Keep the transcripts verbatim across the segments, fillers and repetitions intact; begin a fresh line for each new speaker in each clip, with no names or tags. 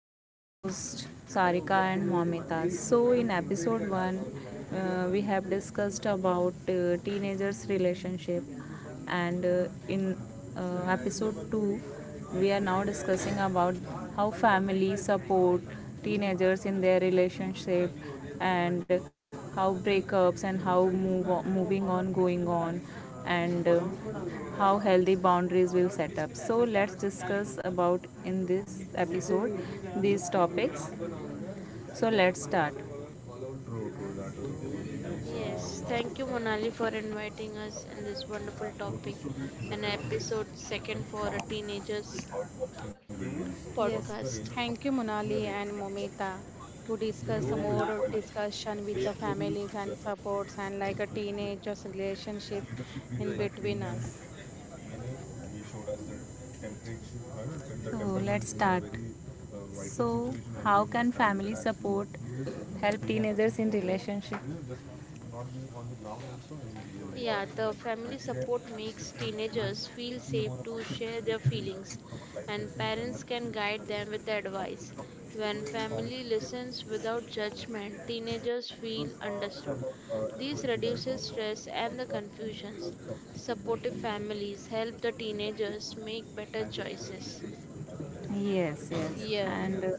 two co hosts, Sarika and Mamita. So, in episode one, uh, we have discussed about uh, teenagers' relationship, and uh, in uh, episode two, we are now discussing about how families support teenagers in their relationship and how breakups and how move on, moving on going on and uh, how healthy boundaries will set up, so let's discuss about in this episode these topics, so let's start.
Yes, thank you, Monali, for inviting us in this wonderful topic and episode second for a teenagers
Yes,
podcast.
thank you, Monali and Momita, to discuss more of discussion with the families and supports and like a teenager's relationship in between us.
So, how can family support help teenagers in relationship?
Yeah, the family support makes teenagers feel safe to share their feelings, and parents can guide them with advice. When family listens without judgment, teenagers feel understood. This reduces stress and the confusions. Supportive families help the teenagers make better choices.
Yes, yes.
Yes,
And uh,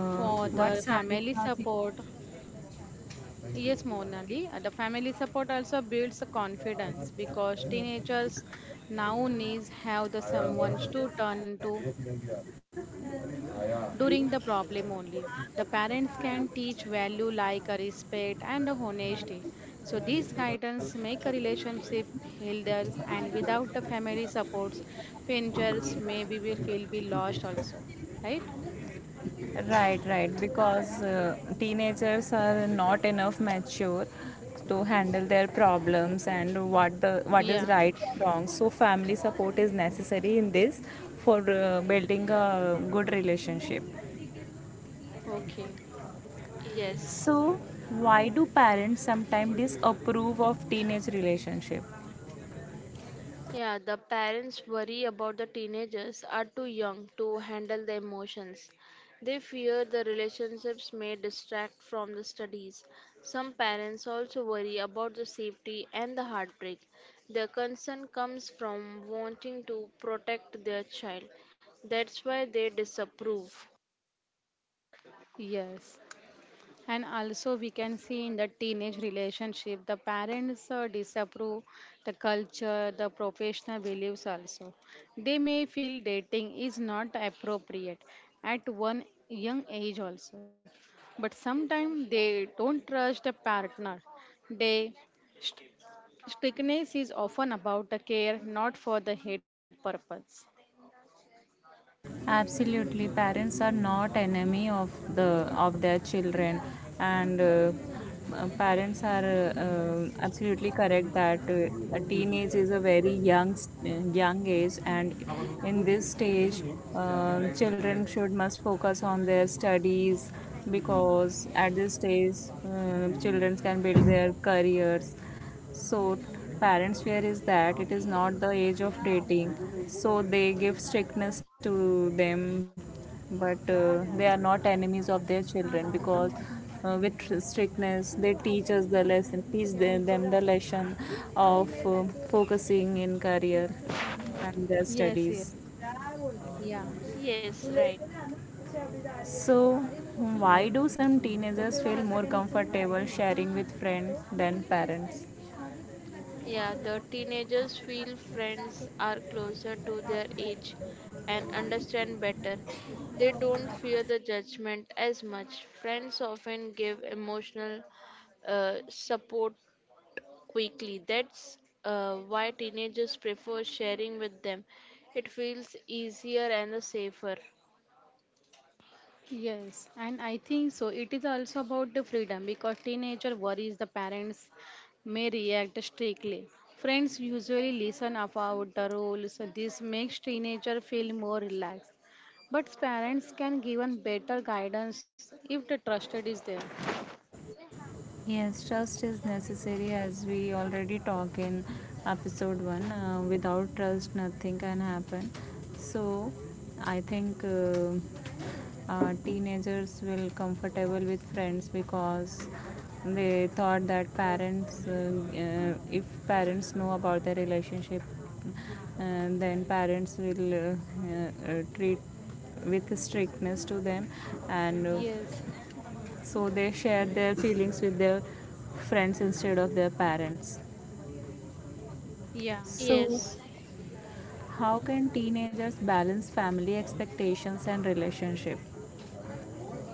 for the
What's
family
Adhika thinking?
support, yes, Monali, uh, the family support also builds the confidence because teenagers now needs have the someone to turn to during the problem only. The parents can teach value like a respect and a honesty. So these guidance make a relationship healthier and without the family supports, fingers maybe will feel be lost also. Right?
Right, right. Because uh, teenagers are not enough mature to handle their problems and what the what
Yeah.
is right and wrong. So family support is necessary in this for uh, building a good relationship.
Okay.
Yes.
So why do parents sometimes disapprove of teenage relationship?
Yeah, the parents worry about the teenagers are too young to handle the emotions. They fear the relationships may distract from the studies. Some parents also worry about the safety and the heartbreak. Their concern comes from wanting to protect their child. That's why they disapprove.
Yes. And also, we can see in the teenage relationship, the parents uh, disapprove the culture, the professional beliefs also. They may feel dating is not appropriate at one young age also. But sometimes they don't trust the partner. They st- Strictness is often about the care, not for the hate purpose.
Absolutely, parents are not enemy of the of their children, and uh, uh, parents are uh, uh, absolutely correct that uh, a teenage is a very young s- young age, and in this stage um children should must focus on their studies, because at this stage uh, children can build their careers. So, parents' fear is that it is not the age of dating, so they give strictness to them, but uh, they are not enemies of their children because uh, with strictness they teach us the lesson, teach them, them the lesson of um focusing in career and their
Yes, yes,
studies.
yeah.
Yes, right.
So, why do some teenagers feel more comfortable sharing with friends than parents?
Yeah, the teenagers feel friends are closer to their age and understand better. They don't fear the judgment as much. Friends often give emotional uh, support quickly. That's uh, why teenagers prefer sharing with them. It feels easier and safer.
Yes, and I think so. It is also about the freedom because teenager worries the parents may react strictly. Friends usually listen about the rules. This makes teenager feel more relaxed. But parents can give better guidance if the trusted is there.
Yes, trust is necessary as we already talk in episode one. Uh, without trust, nothing can happen. So, I think uh, uh, teenagers will comfortable with friends because they thought that parents, uh, uh, if parents know about their relationship, uh, then parents will uh, uh, uh, treat with strictness to them, and uh,
Yes.
so they share their feelings with their friends instead of their parents.
Yeah.
So,
Yes.
how can teenagers balance family expectations and relationship?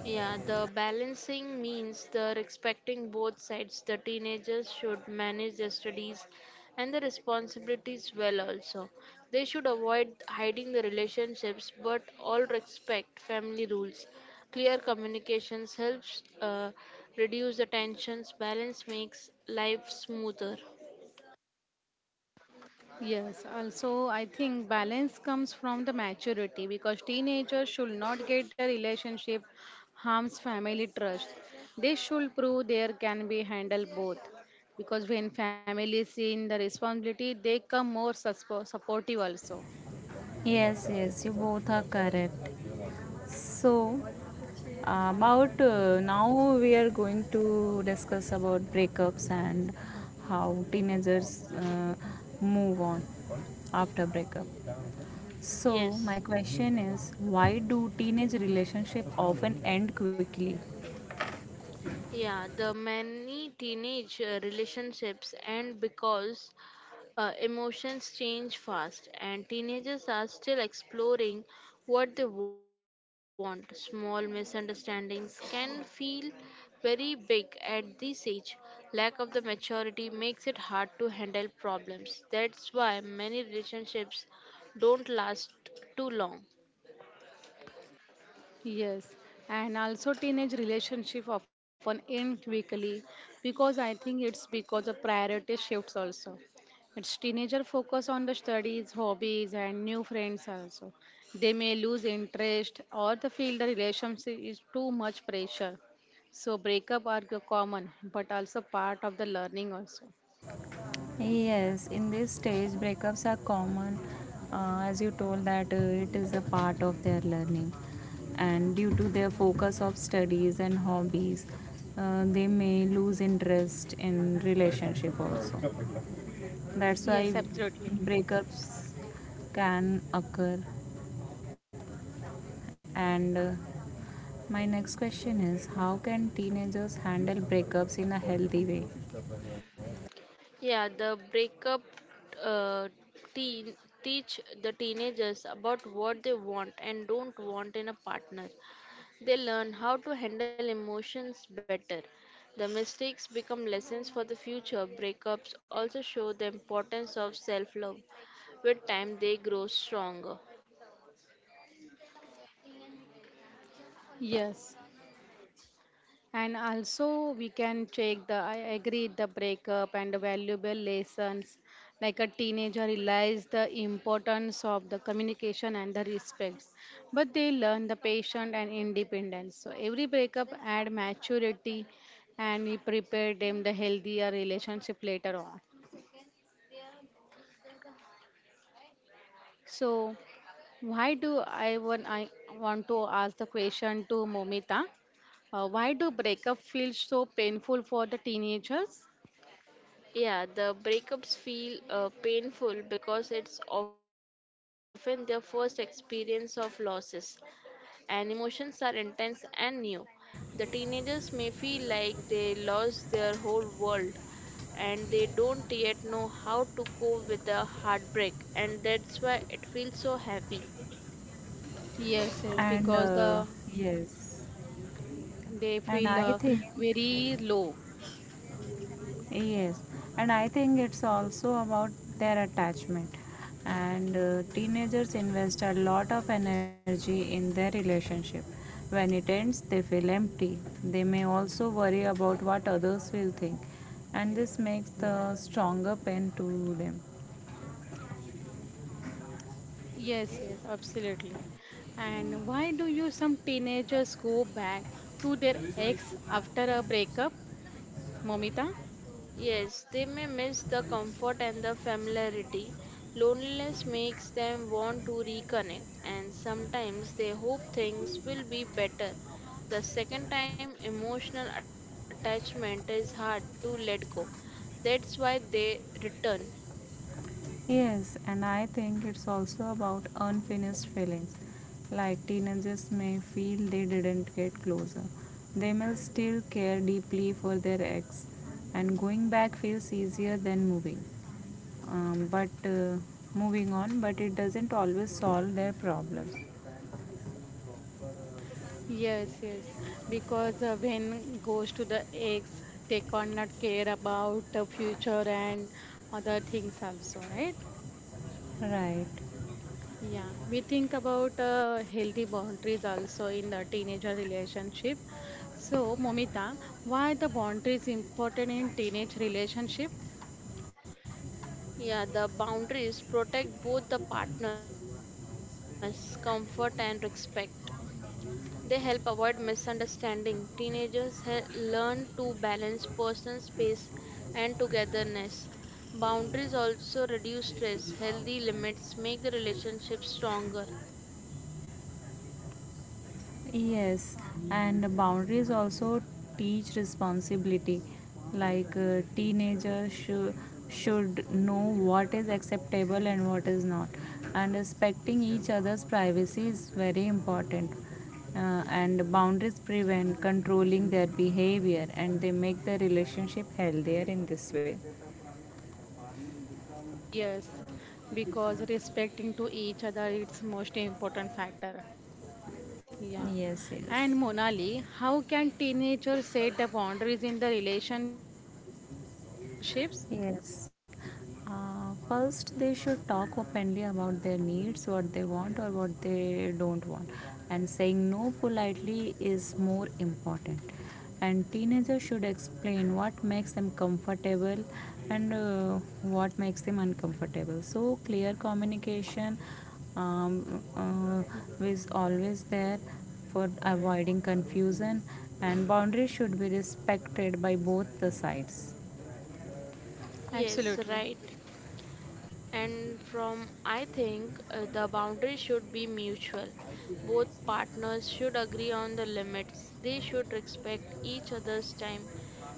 Yeah, the balancing means the respecting both sides. The teenagers should manage their studies and the responsibilities well also. They should avoid hiding the relationships but all respect family rules. Clear communications helps uh, reduce the tensions. Balance makes life smoother.
Yes, also I think balance comes from the maturity because teenagers should not get the relationship harms family trust. They should prove there can be handled both because when families see in the responsibility they come more suspo- supportive also.
Yes, yes, you both are correct. So, about uh, now we are going to discuss about breakups and how teenagers uh, move on after breakup. So, my
Yes.
question is, why do teenage relationships often end quickly?
Yeah, the many teenage uh, relationships end because Uh, emotions change fast, and teenagers are still exploring what they want. Small misunderstandings can feel very big at this age. Lack of the maturity makes it hard to handle problems. That's why many relationships don't last too long.
Yes, and also teenage relationship often end quickly because I think it's because of priority shifts also. It's teenager focus on the studies, hobbies, and new friends also. They may lose interest or they feel the relationship is too much pressure. So breakup are the common, but also part of the learning also.
Yes, in this stage, breakups are common, uh, as you told that uh, it is a part of their learning, and due to their focus of studies and hobbies, uh, they may lose interest in relationship also. That's why
Yes, absolutely.
breakups can occur. And uh, my next question is, how can teenagers handle breakups in a healthy way?
Yeah, the breakup uh, teen teach the teenagers about what they want and don't want in a partner. They learn how to handle emotions better. The mistakes become lessons for the future. Breakups also show the importance of self love. With time, they grow stronger.
Yes. And also, we can check the, I agree, the breakup and the valuable lessons. Like a teenager realize the importance of the communication and the respect, but they learn the patience and independence. So every breakup add maturity, and we prepare them the healthier relationship later on. So why do I want I want to ask the question to Momita? Uh, why do breakup feel so painful for the teenagers?
Yeah, the breakups feel uh, painful because it's often their first experience of losses, and emotions are intense and new. The teenagers may feel like they lost their whole world, and they don't yet know how to cope with the heartbreak, and that's why it feels so heavy.
Yes, yes,
And
because
uh,
the
yes
they feel
and
uh,
I think
very low.
yes and i think it's also about their attachment, and uh, teenagers invest a lot of energy in their relationship. When it ends they feel empty. They may also worry about what others will think, and this makes the stronger pain to them.
Yes, yes, absolutely. And why do you some teenagers go back to their ex after a breakup, Momita?
Yes, they may miss the comfort and the familiarity. Loneliness makes them want to reconnect, and sometimes they hope things will be better. The second time, emotional attachment is hard to let go. That's why they return.
Yes, and I think it's also about unfinished feelings. Like teenagers may feel they didn't get closer. They may still care deeply for their ex, and going back feels easier than moving. Um, but uh, moving on, but it doesn't always solve their problems,
Yes, yes, because uh, when goes to the ex, they cannot care about the future and other things also, right?
right.
Yeah, we think about uh, healthy boundaries also in the teenager relationship. So, Momita, why the boundaries important in teenage relationship?
Yeah, the boundaries protect both the partners, comfort and respect. They help avoid misunderstanding. Teenagers he- learn to balance personal space and togetherness. Boundaries also reduce stress. Healthy limits make the relationship stronger.
Yes, and boundaries also teach responsibility. Like uh, teenagers shou- should know what is acceptable and what is not, and respecting each other's privacy is very important. Uh, and boundaries prevent controlling their behavior, and they make the relationship healthier in this way.
Yes, because respecting to each other it's most important factor. Yeah.
Yes, yes.
And Monali, how can teenagers set the boundaries in the relationships?
Yes. Uh, first, they should talk openly about their needs, what they want or what they don't want. And saying no politely is more important. And teenagers should explain what makes them comfortable and uh, what makes them uncomfortable. So, clear communication um, uh, is always there for avoiding confusion, and boundaries should be respected by both the sides.
Yes,
Absolutely.
right. And from I think uh, the boundary should be mutual. Both partners should agree on the limits. They should respect each other's time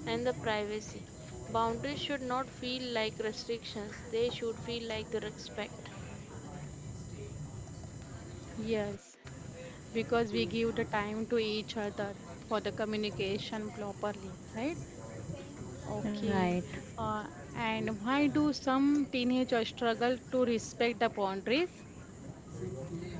and the privacy. Boundaries should not feel like restrictions. They should feel like the respect.
Yes, because we give the time to each other for the communication properly, right?
Right.
Okay. Uh, and why do some teenagers struggle to respect the boundaries?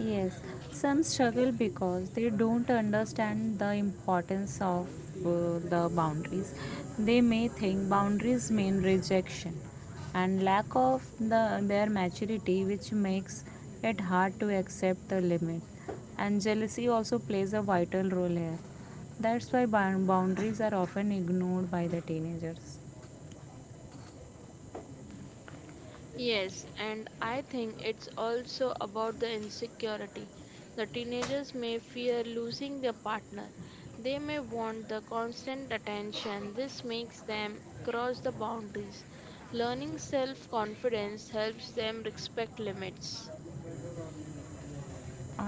Yes, some struggle because they don't understand the importance of uh, the boundaries. They may think boundaries mean rejection and lack of the, their maturity, which makes it hard to accept the limit. And jealousy also plays a vital role here. That's why bound- boundaries are often ignored by the teenagers.
Yes, and I think it's also about the insecurity. The teenagers may fear losing their partner. They may want the constant attention. This makes them cross the boundaries. Learning self confidence helps them respect limits.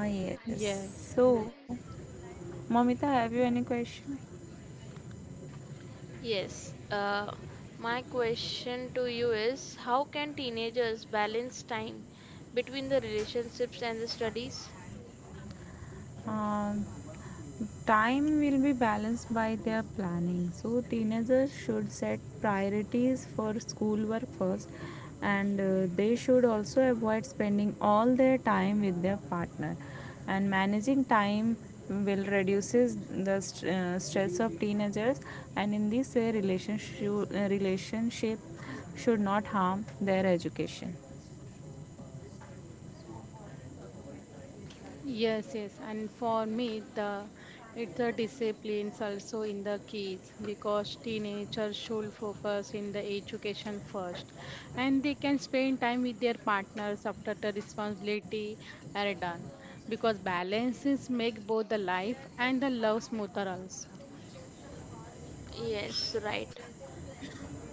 Ah, yes.
Yes,
So, Mamita, have you any question?
Yes, uh, my question to you is how can teenagers balance time between the relationships and the studies?
Um, Time will be balanced by their planning. So teenagers should set priorities for schoolwork first, and uh, they should also avoid spending all their time with their partner. And managing time will reduces the st- uh, stress of teenagers, and in this way, relationship relationship should not harm their education.
yes, yes. And for me, the it's a disciplines also in the kids because teenagers should focus in the education first, and they can spend time with their partners after the responsibility are done because balances make both the life and the love smoother also.
Yes, right.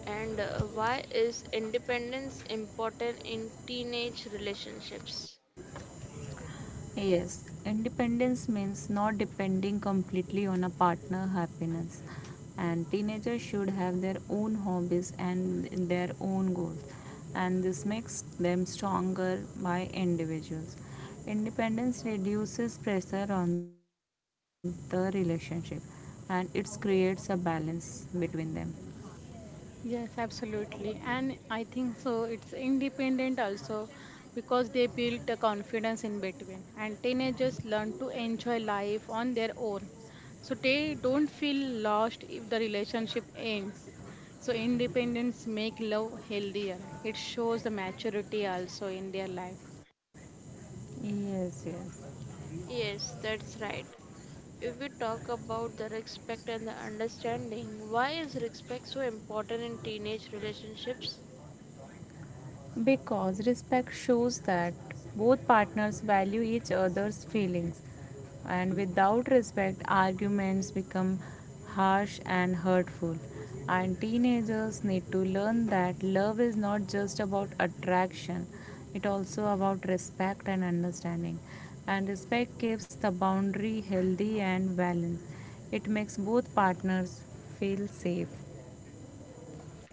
And uh, why is independence important in teenage relationships?
Yes, independence means not depending completely on a partner happiness. And teenagers should have their own hobbies and their own goals. And this makes them stronger by individuals. Independence reduces pressure on the relationship and it creates a balance between them.
Yes, absolutely. And I think so. It's independent also because they build the confidence in between. And teenagers learn to enjoy life on their own. So they don't feel lost if the relationship ends. So independence make love healthier. It shows the maturity also in their life.
Yes, yes.
Yes, that's right. If we talk about the respect and the understanding, why is respect so important in teenage relationships?
Because respect shows that both partners value each other's feelings, and without respect, arguments become harsh and hurtful. And teenagers need to learn that love is not just about attraction, it also about respect and understanding. And respect keeps the boundary healthy and balanced. It makes both partners feel safe.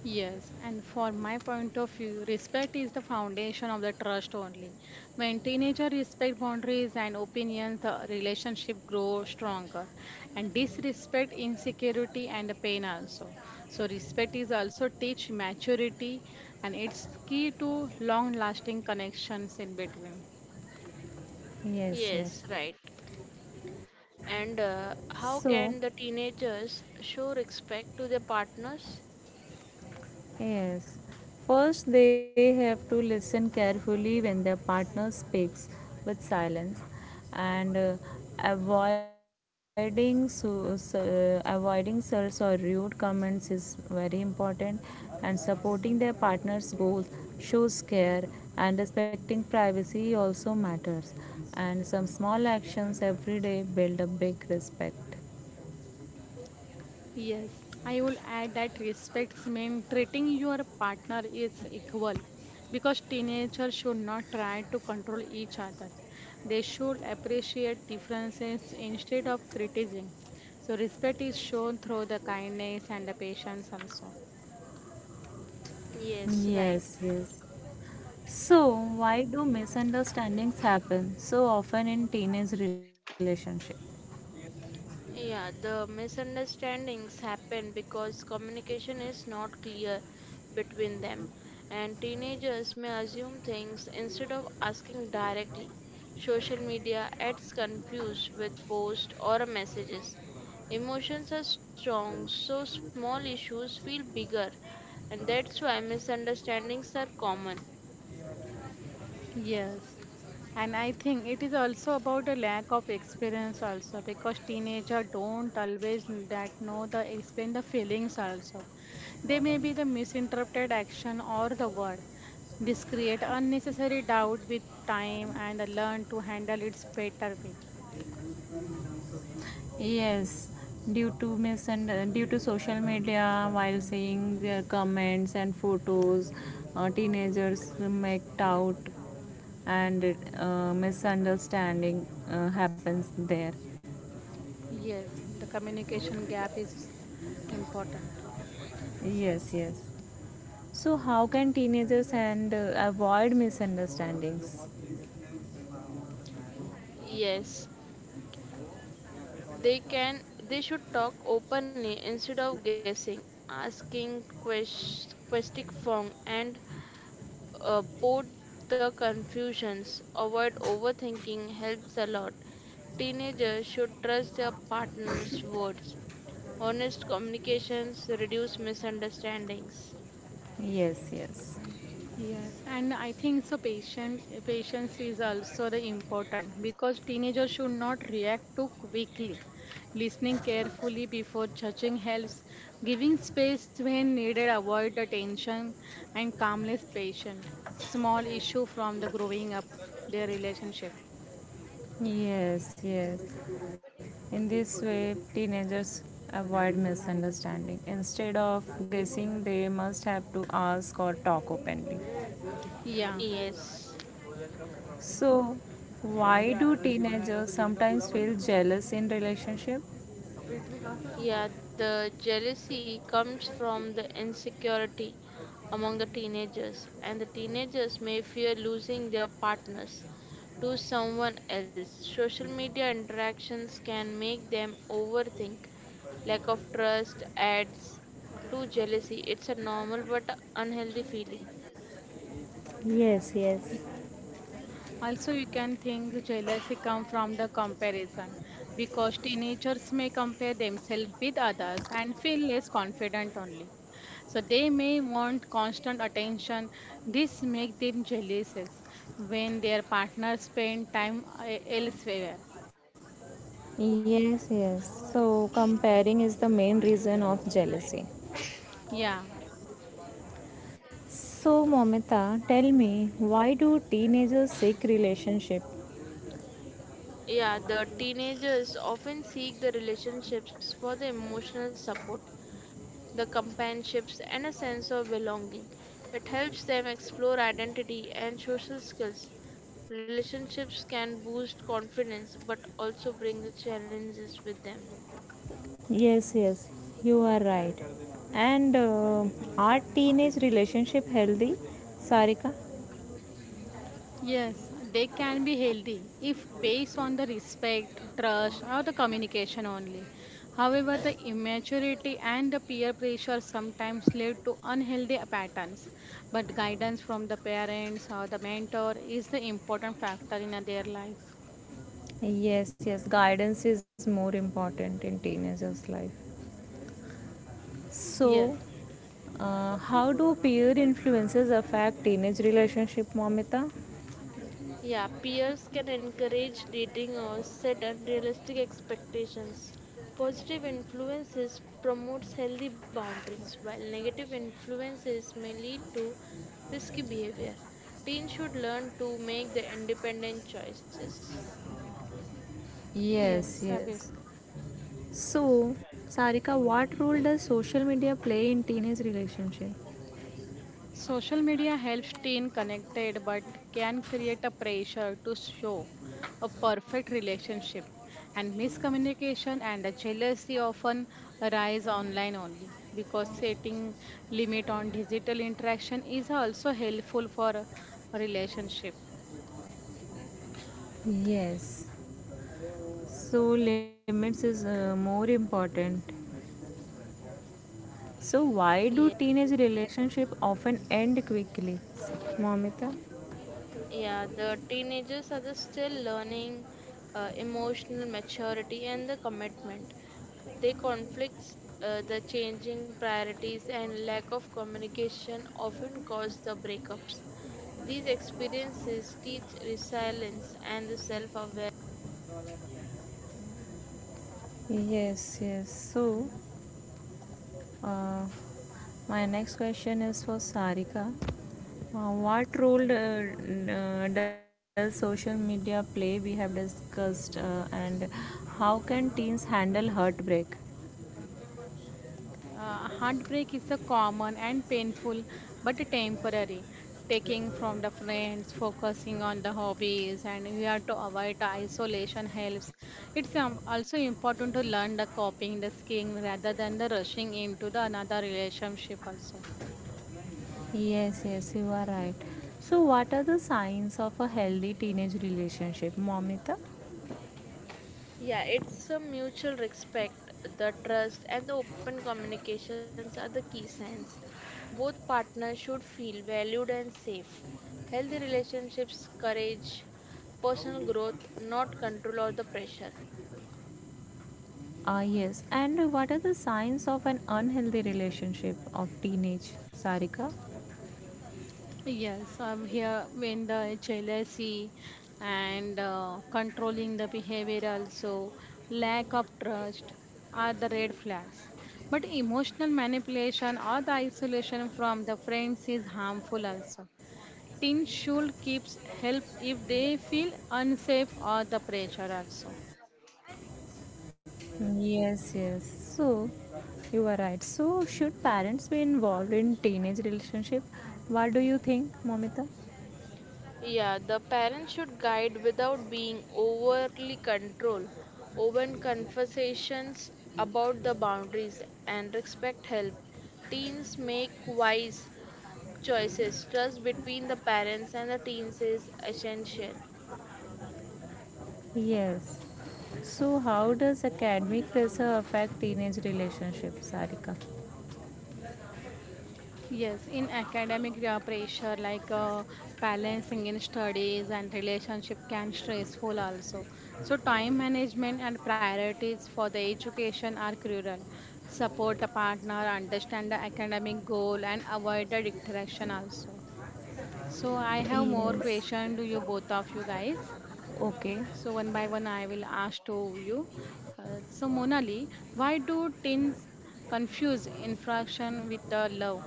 Yes, and for my point of view, respect is the foundation of the trust only. When teenagers respect boundaries and opinions, the relationship grows stronger. And disrespect, insecurity, and the pain also. So respect is also teach maturity, and it's key to long-lasting connections in between.
Yes,
Yes,
yes.
right. And uh,
So,
how can the teenagers show respect to their partners?
Yes. First, they have to listen carefully when their partner speaks with silence, and uh, avoiding so, so- uh, avoiding insults or rude comments is very important, and supporting their partner's goals shows care, and respecting privacy also matters, and some small actions every day build a big respect.
Yes, I will add that respects mean treating your partner is equal because teenagers should not try to control each other. They should appreciate differences instead of criticizing. So respect is shown through the kindness and the patience also.
Yes, right.
Yes, yes. So, why do misunderstandings happen so often in teenage relationship?
Yeah, the misunderstandings happen because communication is not clear between them, and teenagers may assume things instead of asking directly. Social media adds confused with posts or messages. Emotions are strong, so small issues feel bigger, and that's why misunderstandings are common.
Yes, and I think it is also about a lack of experience also because teenager don't always that know the explain the feelings also. They may be the misinterpreted action or the word. This create unnecessary doubt with time and learn to handle its better way.
Yes, due to misund- due to social media, while seeing their comments and photos, uh, teenagers make out and uh, misunderstanding uh, happens there.
Yes, the communication gap is important.
Yes, yes. So, how can teenagers and uh, avoid misunderstandings?
Yes, They can they should talk openly instead of guessing, asking quest, questing form and uh, put the confusions. Avoid overthinking helps a lot. Teenagers should trust their partner's words. Honest communications reduce misunderstandings.
Yes, yes.
Yes, and I think so. Patient patience is also the important because teenagers should not react too quickly. Listening carefully before judging helps. Giving space when needed avoid the tension and calmness patient. Small issue from the growing up their relationship.
Yes, yes. In this way, teenagers avoid misunderstanding. Instead of guessing, they must have to ask or talk openly.
Yeah.
Yes.
So, why do teenagers sometimes feel jealous in relationship?
Yeah, the jealousy comes from the insecurity among the teenagers, and the teenagers may fear losing their partners to someone else. Social media interactions can make them overthink. Lack of trust adds to jealousy. It's a normal but unhealthy feeling.
Yes, yes.
Also, you can think jealousy comes from the comparison because teenagers may compare themselves with others and feel less confident only. So they may want constant attention. This makes them jealous when their partners spend time uh, elsewhere.
Yes, yes. So, comparing is the main reason of jealousy.
Right.
Yeah.
So, Momita, tell me, why do teenagers seek relationship?
Yeah, the teenagers often seek the relationships for the emotional support, the companionships, and a sense of belonging. It helps them explore identity and social skills. Relationships can boost confidence but also bring the challenges with them.
Yes, yes, you are right. And uh, are teenage relationship healthy, Sarika?
Yes, they can be healthy if based on the respect, trust, or the communication only. However, the immaturity and the peer pressure sometimes lead to unhealthy patterns. But guidance from the parents or the mentor is the important factor in their life.
Yes, yes, guidance is more important in teenagers' life. So,
Yes,
uh, how do peer influences affect teenage relationship, Momita?
Yeah, peers can encourage dating or set unrealistic expectations. Positive influences promotes healthy boundaries, while negative influences may lead to risky behavior. Teens should learn to make their independent choices.
yes,
Yes,
obviously.
yes. So, Sarika, what role does social media play in teenage relationship?
Social media helps teen connected but can create a pressure to show a perfect relationship and miscommunication and the jealousy often arise online only because setting limit on digital interaction is also helpful for a relationship.
Yes, so, limits is uh, more important. So, why do
Yeah.
teenage relationships often end quickly, Momita?
Yeah, the teenagers are the still learning uh, emotional maturity and the commitment. They conflicts, uh, the changing priorities, and lack of communication often cause the breakups. These experiences teach resilience and the self awareness.
Yes, yes. So, uh, my next question is for Sarika. Uh, what role uh, n- uh, does social media play? We have discussed, uh, and how can teens handle heartbreak?
Uh, heartbreak is a common and painful but a temporary taking from the friends focusing on the hobbies and we have to avoid the isolation helps it's um, also important to learn the coping, the skiing rather than the rushing into the another relationship also.
Yes, yes, you are right. So, what are the signs of a healthy teenage relationship, Momita?
Yeah, it's a mutual respect, the trust, and the open communications are the key signs. Both partners should feel valued and safe. Healthy relationships, courage, personal growth, not control or the pressure.
Ah, yes. And what are the signs of an unhealthy relationship of teenage, Sarika?
Yes, I'm here in the jealousy and uh, controlling the behavior also, lack of trust are the red flags. But emotional manipulation or the isolation from the friends is harmful also. Teens should keep help if they feel unsafe or the pressure also.
Yes, yes. So, you are right. So, should parents be involved in teenage relationship? What do you think, Momita?
Yeah, the parents should guide without being overly control. Open conversations about the boundaries and respect help teens make wise choices. Trust between the parents and the teens is essential.
Yes. So, how does academic pressure affect teenage relationship, Sarika?
Yes, in academic uh, pressure, like uh, balancing in studies and relationship can stressful also. So time management and priorities for the education are crucial. Support the partner, understand the academic goal, and avoid the distraction also. So I have more
Yes.
question to you both of you guys.
Okay.
So one by one, I will ask to you. Uh, so Monali, why do teens confuse infraction with the love?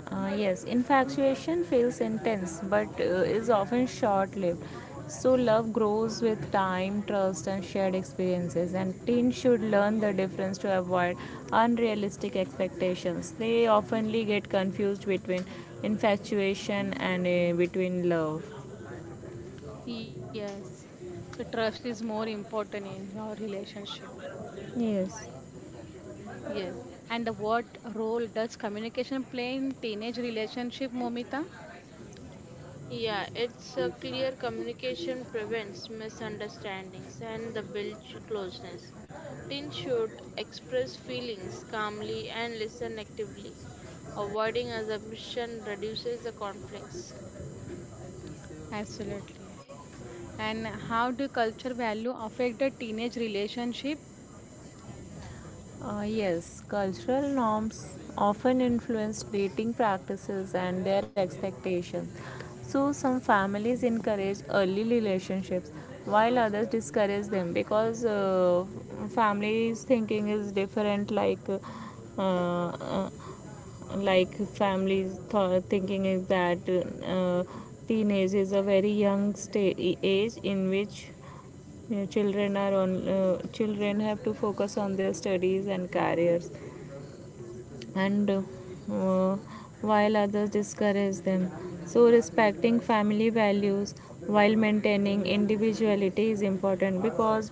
Uh, yes, infatuation feels intense but uh, is often short lived. So, love grows with time, trust, and shared experiences. And teens should learn the difference to avoid unrealistic expectations. They oftenly get confused between infatuation and uh, between love.
Yes, the trust is more important in your relationship.
Yes.
Yes, and the what role does communication play in teenage relationship, Momita?
Yeah, it's a clear communication prevents misunderstandings and the builds closeness. Teens should express feelings calmly and listen actively. Avoiding assumption reduces the conflicts.
Absolutely. And how do culture value affect the teenage relationship?
Uh, yes, cultural norms often influence dating practices and their expectations. So, some families encourage early relationships while others discourage them, because uh, families' thinking is different, like uh, uh, like families th- thinking is that uh, teenage is a very young sta- age in which you know, children are on. Uh, children have to focus on their studies and careers, and uh, uh, while others discourage them. So, respecting family values while maintaining individuality is important because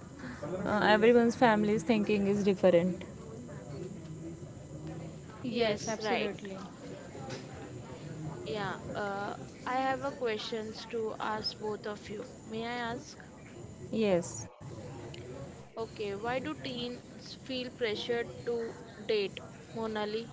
uh, everyone's family's thinking is different.
Yes,
Yes, right.
absolutely.
Yeah, uh, I have a questions to ask both of you. May I ask?
Yes.
Okay, why do teens feel pressured to date, Monali?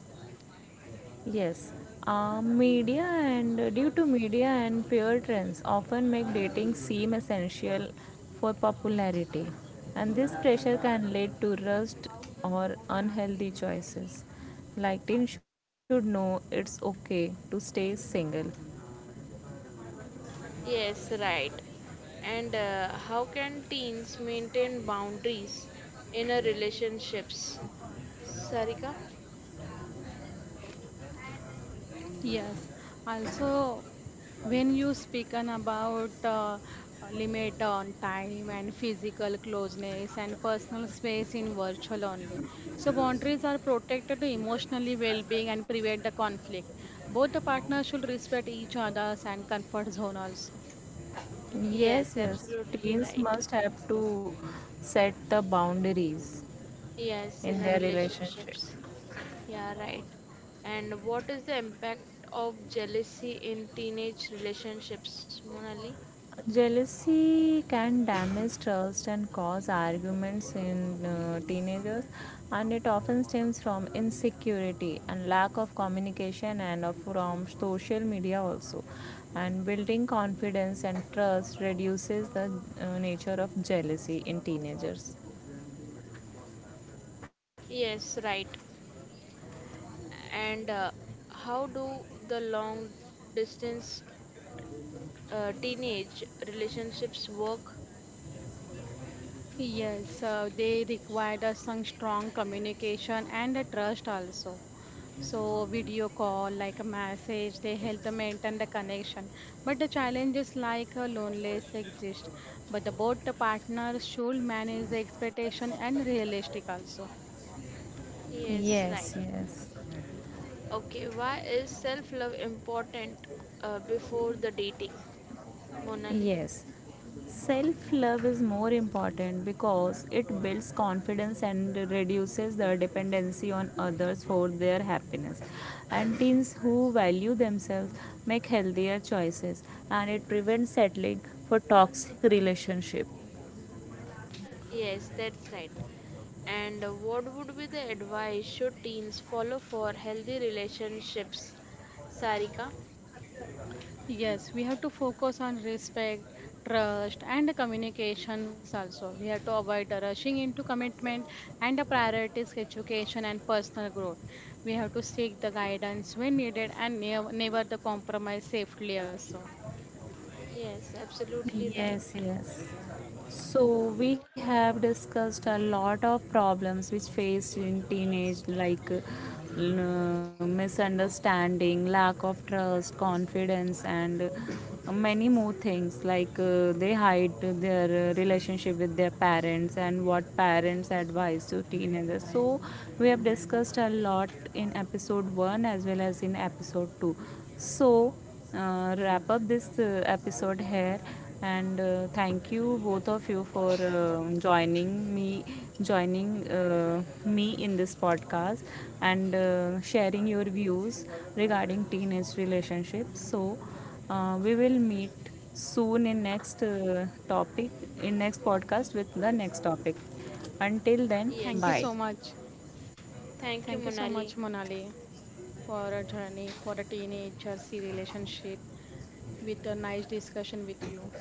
Yes, uh, media and uh, due to media and peer trends often make dating seem essential for popularity, and this pressure can lead to rust or unhealthy choices. Like teens should know it's okay to stay single.
Yes, right. And uh, how can teens maintain boundaries in a relationships? Sarika?
Yes. Also, when you speaking about uh, limit on time and physical closeness and personal space in virtual only, so boundaries are protected to emotionally well-being and prevent the conflict. Both the partners should respect each other's and comfort zone also.
Yes,
Yes, yes,
absolutely
teens
right.
must have to set the boundaries
Yes, in
in
a
their relationship.
relationships. Yeah, right. And what is the impact of jealousy in teenage relationships, Monali?
Jealousy can damage trust and cause arguments in uh, teenagers, and it often stems from insecurity and lack of communication and of- from social media also. And building confidence and trust reduces the uh, nature of jealousy in teenagers.
Yes, right. And uh, how do the long distance uh, teenage relationships work?
Yes, uh, they required us some strong communication and a trust also. So video call, like a message, they help to maintain the connection. But the challenges like uh, loneliness exist. But the both the partners should manage the expectation and realistic also.
Yes, right.
Yes, yes.
Okay, why is self love important uh, before the dating, Monali?
Yes, self love is more important because it builds confidence and reduces the dependency on others for their happiness. And teens who value themselves make healthier choices and it prevents settling for toxic relationships.
Yes, that's right. And uh, what would be the advice should teens follow for healthy relationships, Sarika?
Yes, we have to focus on respect, trust, and communications also. We have to avoid rushing into commitment and prioritize education and personal growth. We have to seek the guidance when needed and never, never the compromise safely also.
Yes, absolutely right.
Yes, yes. So we have discussed a lot of problems which faced in teenage like uh, l- misunderstanding, lack of trust, confidence and uh, many more things, like uh, they hide their uh, relationship with their parents and what parents advise to teenagers. So we have discussed a lot in episode one as well as in episode two. So uh, wrap up this uh, episode here. And uh, thank you both of you for um joining me, joining uh, me in this podcast, and uh, sharing your views regarding teenage relationships. So uh, we will meet soon in next uh, topic, in next podcast with the next topic. Until then,
Thank you
Yes.
so
bye.
much.
Thank you,
Thank you so
Monali.
much, Monali, for a journey for the teenager relationship with a nice discussion with you.